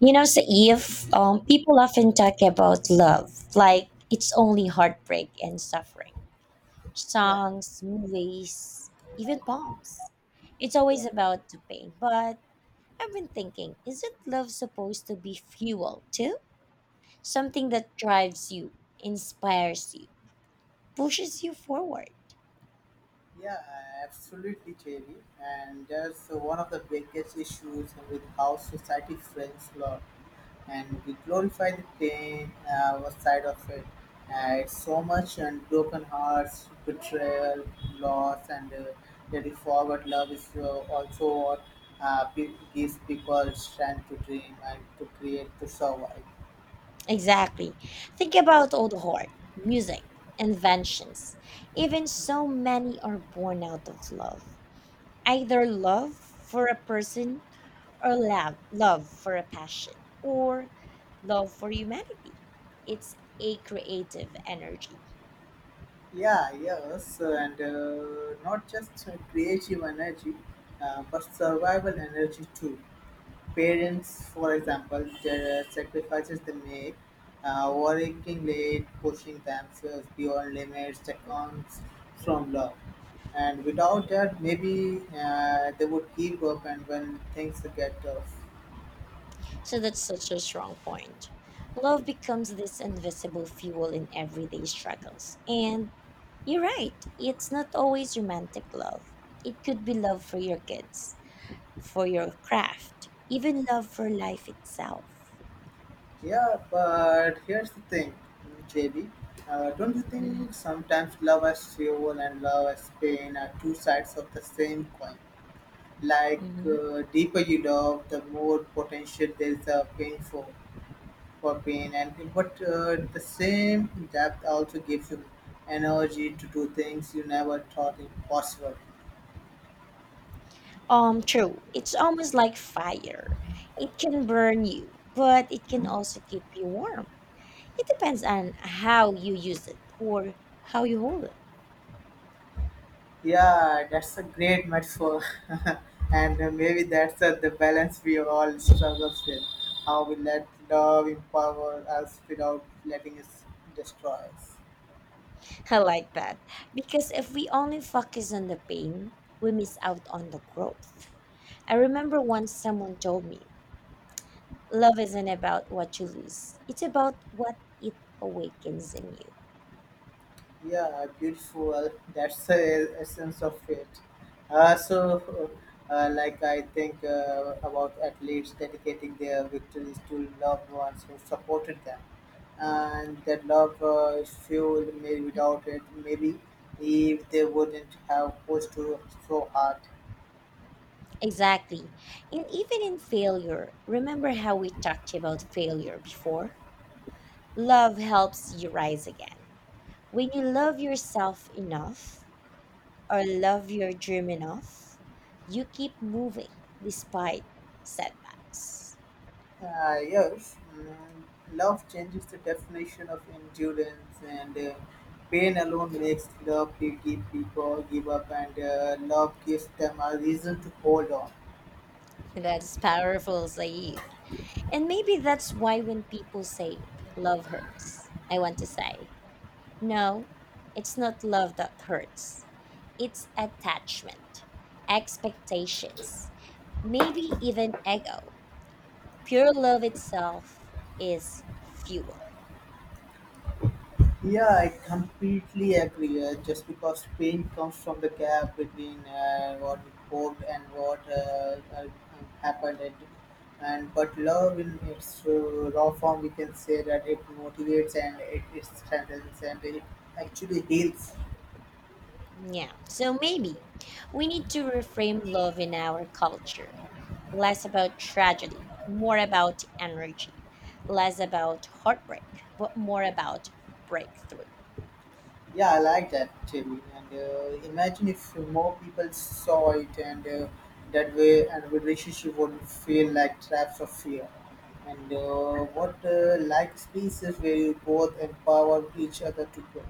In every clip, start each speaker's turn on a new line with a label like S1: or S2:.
S1: You know, Saif, people often talk about love like it's only heartbreak and suffering.
S2: Yeah,
S1: Songs, movies, even poems. It's
S2: yeah,
S1: always about the pain. But I've been thinking, isn't love supposed to be fuel too? Something that drives you, inspires you, pushes you forward.
S2: yeah, absolutely, Jerry. And that's one of the biggest issues with how society frames law, and we glorify the pain side of it. It's so much and broken hearts, betrayal, loss, and the forward love is also what uh, pe- gives people strength to dream and to create to survive.
S1: Exactly. Think about old art, music, inventions. Even so many are born out of love, either love for a person or love for a passion, or love for humanity. It's a creative energy.
S2: Yeah, yes, and not just creative energy, but survival energy too. Parents, for example, the sacrifices they make, working late, pushing themselves beyond limits, that comes from love. And without that, maybe they would give up, and when things get tough.
S1: So that's such a strong point. Love becomes this invisible fuel in everyday struggles, and you're right, it's not always romantic love. It could be love for your kids, for your craft, even love for life itself.
S2: Yeah, but here's the thing, JB. Don't you think sometimes love as fuel and love as pain are two sides of the same coin? Like,
S1: Mhm.
S2: deeper you love, the more potential there is a pain for pain. And but the same depth also gives you energy to do things you never thought impossible.
S1: True. It's almost like fire. It can burn you, but it can also keep you warm. It depends on how you use it or how you hold it.
S2: Yeah, that's a great metaphor. and Maybe that's the balance we all struggle with. How we let love empower us without letting it destroy us.
S1: I like that. Because if we only focus on the pain, we miss out on the growth. I remember once someone told me, love isn't about what you lose, it's about what it awakens in you.
S2: Yeah, beautiful. That's the essence of it. So, like I think about athletes dedicating their victories to loved ones who supported them, and that love is fueled. Maybe without it, maybe if they wouldn't have pushed to so hard.
S1: Exactly. And even in failure, remember how we talked about failure before? Love helps you rise again. When you love yourself enough or love your dream enough, you keep moving despite setbacks.
S2: Yes, love changes the definition of endurance, and pain alone makes love to give people give up, and love gives them a reason to hold on.
S1: That's powerful, Saif. And maybe that's why when people say love hurts, I want to say, no, it's not love that hurts. It's attachment, expectations, maybe even ego. Pure love itself is fuel.
S2: Yeah, I completely agree. Just because pain comes from the gap between what we hoped and what happened, and but love in its raw form, we can say that it motivates and it strengthens and it actually heals.
S1: Yeah, so maybe we need to reframe love in our culture. Less about tragedy, more about energy. Less about heartbreak, but more about breakthrough.
S2: Yeah, I like that theory. And imagine if more people saw it, and that way, and the relationship wouldn't feel like traps of fear. And what like spaces where you both empower each other to grow.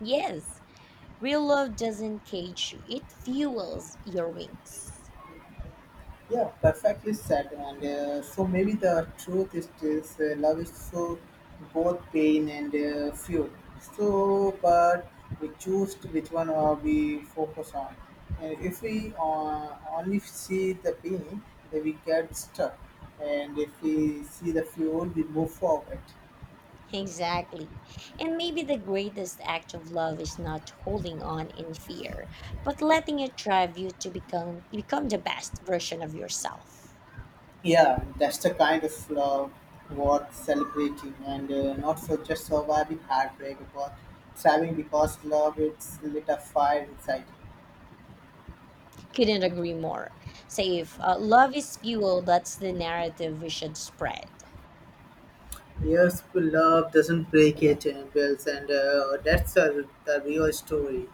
S1: Yes, real love doesn't cage you, it fuels your wings.
S2: Yeah, perfectly said. And so maybe the truth is this: love is so both pain and fuel. So, but we choose to which one or we focus on. And if we only see the pain, then we get stuck. And if we see the fuel, we move forward.
S1: Exactly. And maybe the greatest act of love is not holding on in fear, but letting it drive you to become the best version of yourself.
S2: Yeah, that's the kind of love worth celebrating, and not for just surviving heartbreak, but thriving because love it's lit a fire inside.
S1: Couldn't agree more. Say if love is fuel, that's the narrative we should spread.
S2: Yes, love doesn't break it and builds, and that's a, the real story.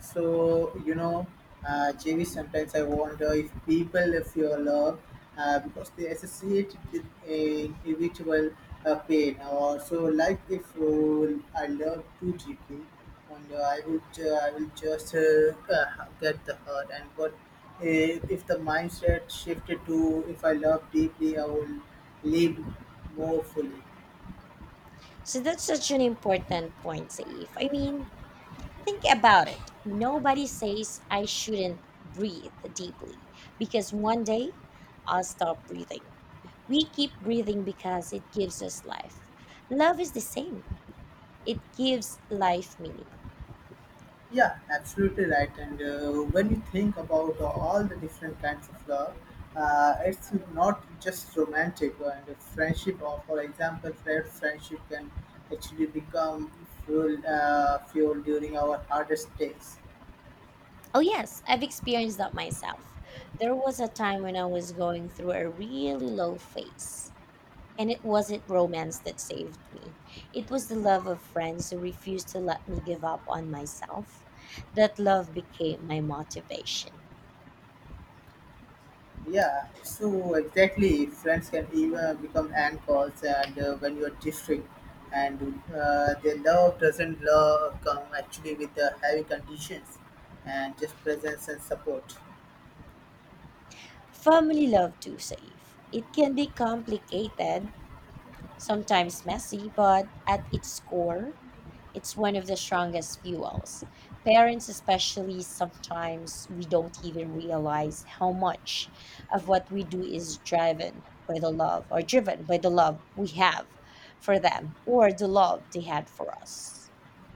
S2: So you know, JV. Sometimes I wonder if people feel love because they associate it with a individual pain, or so. Like if I love too deeply, and I would, I will just get the hurt. And but if the mindset shifted to if I love deeply, I will live more fully.
S1: So that's such an important point, Saif. I mean, think about it. Nobody says I shouldn't breathe deeply because one day I'll stop breathing. We keep breathing because it gives us life. Love is the same, it gives life meaning.
S2: Yeah, absolutely right. And when you think about all the different kinds of love, it's not just romantic and a friendship. Or for example, fair friendship can actually become fuel, fuel during our hardest days.
S1: Oh, yes, I've experienced that myself. There was a time when I was going through a really low phase, and it wasn't romance that saved me. It was the love of friends who refused to let me give up on myself. That love became my motivation.
S2: Yeah, so exactly, friends can even become anchors, and when you are drifting, and their love doesn't love come actually with the heavy conditions, and just presence and support.
S1: Family love too, Saif. It can be complicated, sometimes messy, but at its core, it's one of the strongest fuels. Parents, especially, sometimes we don't even realize how much of what we do is driven by the love, or driven by the love we have for them or the love they had for us.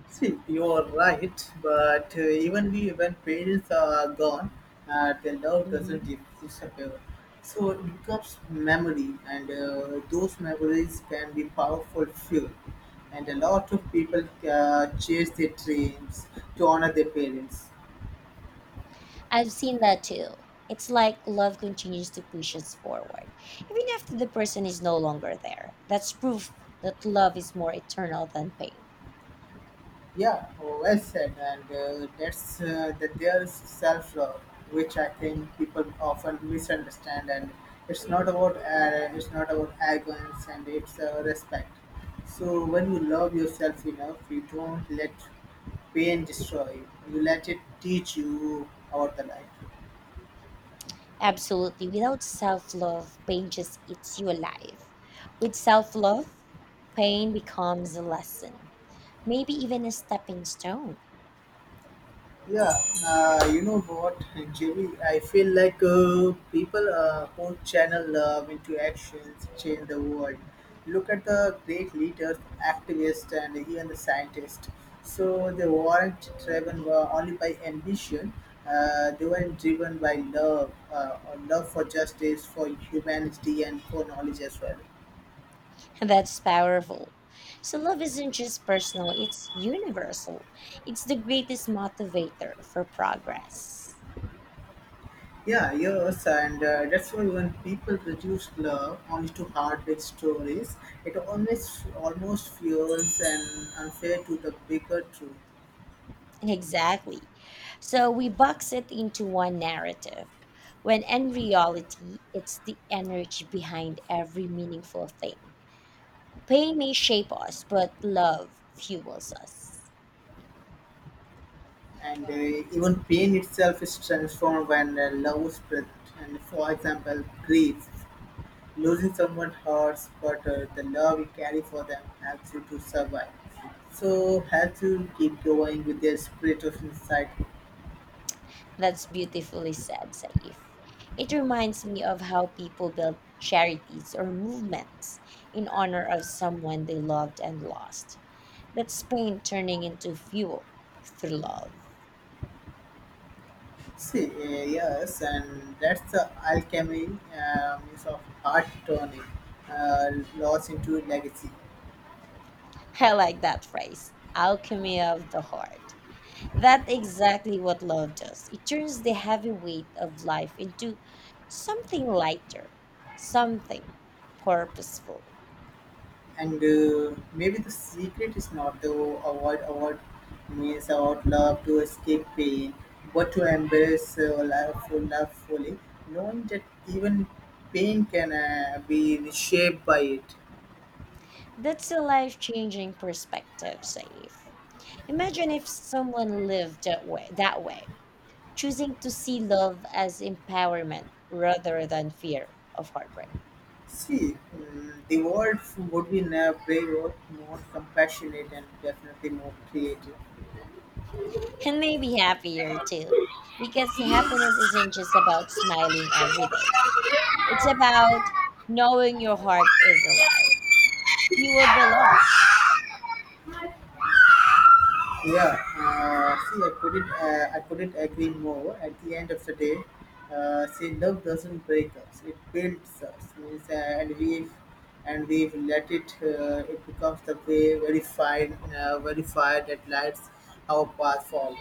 S2: See, you are right, but even we, when parents are gone, the love doesn't
S1: Hmm.
S2: dis- disappear. So it becomes memory, and those memories can be powerful fuel. And a lot of people chase their dreams to honor their parents.
S1: I've seen that too. It's like love continues to push us forward, even after the person is no longer there. That's proof that love is more eternal than pain.
S2: Yeah, well said. And that there's self-love, which I think people often misunderstand. And it's not about arrogance, and it's respect. So when you love yourself enough, you don't let pain destroy you. You let it teach you about the life.
S1: Absolutely. Without self love, pain just eats you alive. With self love, pain becomes a lesson, maybe even a stepping stone.
S2: Yeah, you know what, Jimmy? I feel like people who channel love into actions change the world. Look at the great leaders, activists, and even the scientists. So they weren't driven only by ambition; they were driven by love, or love for justice, for humanity, and for knowledge as well.
S1: And that's powerful. So, love isn't just personal, it's universal. It's the greatest motivator for progress.
S2: Yeah, yes, and that's why when people reduce love only to heartbreak stories, it always almost feels and unfair to the bigger truth.
S1: Exactly. So we box it into one narrative, when in reality, it's the energy behind every meaningful thing. Pain may shape us, but love fuels us.
S2: And even pain itself is transformed when love is present. And for example, grief, losing someone hurts, but the love you carry for them helps you to survive. So helps you keep going with their spirit of insight.
S1: That's beautifully said, Saif. It reminds me of how people build charities or movements in honor of someone they loved and lost. That's pain turning into fuel through love.
S2: See, yes, and that's the alchemy means of art turning uh, loss into legacy.
S1: I like that phrase, alchemy of the heart. That's exactly what love does. It turns the heavy weight of life into something lighter, something purposeful.
S2: And maybe the secret is not to avoid means about love to escape pain, but to embrace love, full- love fully, knowing that even pain can be reshaped by it.
S1: That's a life changing perspective, Saif. Imagine if someone lived that way, choosing to see love as empowerment rather than fear of heartbreak.
S2: See, the world would be now braver, more compassionate, and definitely more creative.
S1: And maybe happier
S2: Yeah,
S1: too, because happiness isn't just about smiling every day, it's about knowing your heart is alive, fueled by love.
S2: see, I couldn't agree more. At the end of the day, love doesn't break us; it builds us. Means, and we've let it. It becomes the way, very fine, very fire that lights our path forward.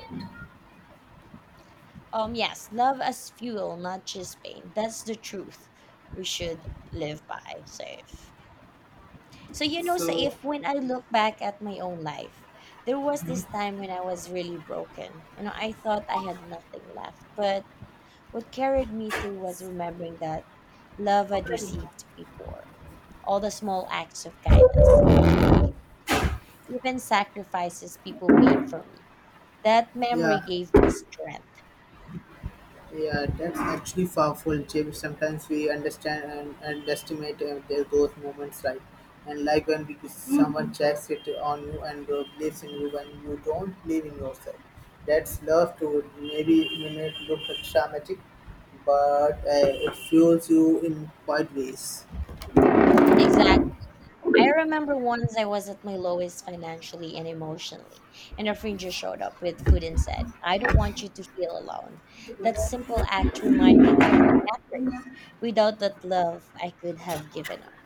S1: Yes, love as fuel, not just pain. That's the truth we should live by, Saif. So, you know,
S2: So,
S1: Saif, when I look back at my own life, there was this time when I was really broken. You know, I thought I had nothing left. But what carried me through was remembering that love I'd received before, all the small acts of kindness, even sacrifices people made for me. That memory
S2: yeah,
S1: gave me strength.
S2: yeah, that's actually powerful, Chip. Sometimes we understand and underestimate their growth moments, right? And like someone checks it on you and believes in you when you don't believe in yourself. That's love to maybe you may look like dramatic, but it fuels you in quite ways.
S1: Exactly. I remember once I was at my lowest financially and emotionally, and a friend just showed up with food and said, I don't want you to feel alone. That simple act reminded me that I mattered. Without that love, I could have given up.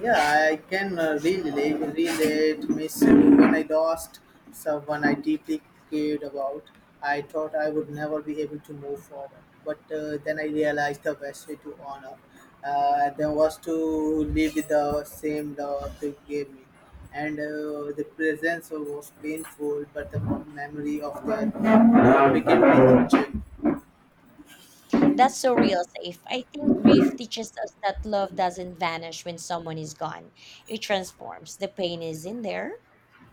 S2: Yeah, I can really relate Miss when I lost someone I deeply cared about. I thought I would never be able to move forward, but then I realized the best way to honor them was to live with the same love they gave me. And the presence was painful, but the memory of that love became painful.
S1: That's so real, Safe. I think grief teaches us that love doesn't vanish when someone is gone, it transforms. The pain is in there,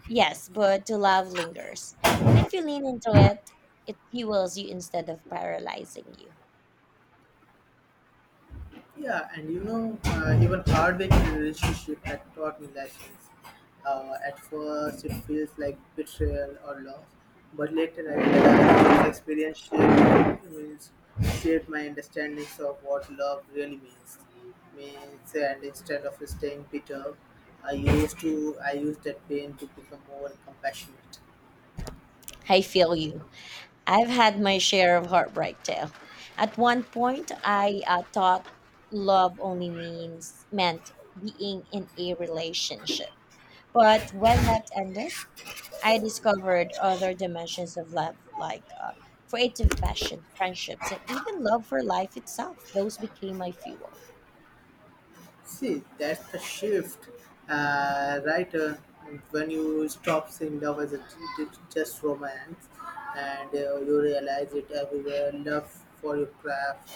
S1: yes, but the love lingers. And if you lean into it, it fuels you instead of paralyzing you.
S2: Yeah, and you know, even heartbreaking relationship that taught me lessons. At first, it feels like betrayal or loss, but later I
S1: Hmm.
S2: realized this experience shaped, means, shaped my understandings of what love really means. Means, and instead of staying bitter, I used that pain to become more compassionate.
S1: I feel you. I've had my share of heartbreak too. At one point, I thought love only means meant being in a relationship. But when that ended, I discovered other dimensions of love, like creative passion, friendships, and even love for life itself. Those became my fuel.
S2: See, that's the shift, right? When you stop seeing love as just romance, and you realize it everywhere. Love for your craft,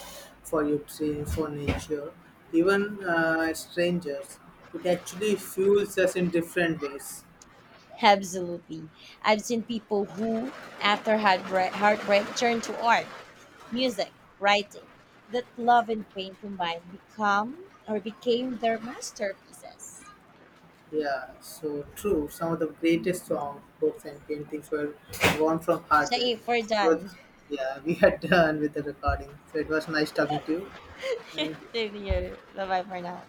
S2: for your dreams, for nature, even strangers. It actually fuels us in different ways.
S1: Absolutely. I've seen people who, after heartbreak, turned to art, music, writing, that love and pain combined become or became their masterpieces.
S2: Yeah, so true. Some of the greatest songs, books, and paintings were born from
S1: Siya
S2: hardware.
S1: eh, for
S2: So,
S1: John.
S2: yeah, we are done with the recording. So it was nice talking to you, and
S1: Yun yun. Bye-bye for now.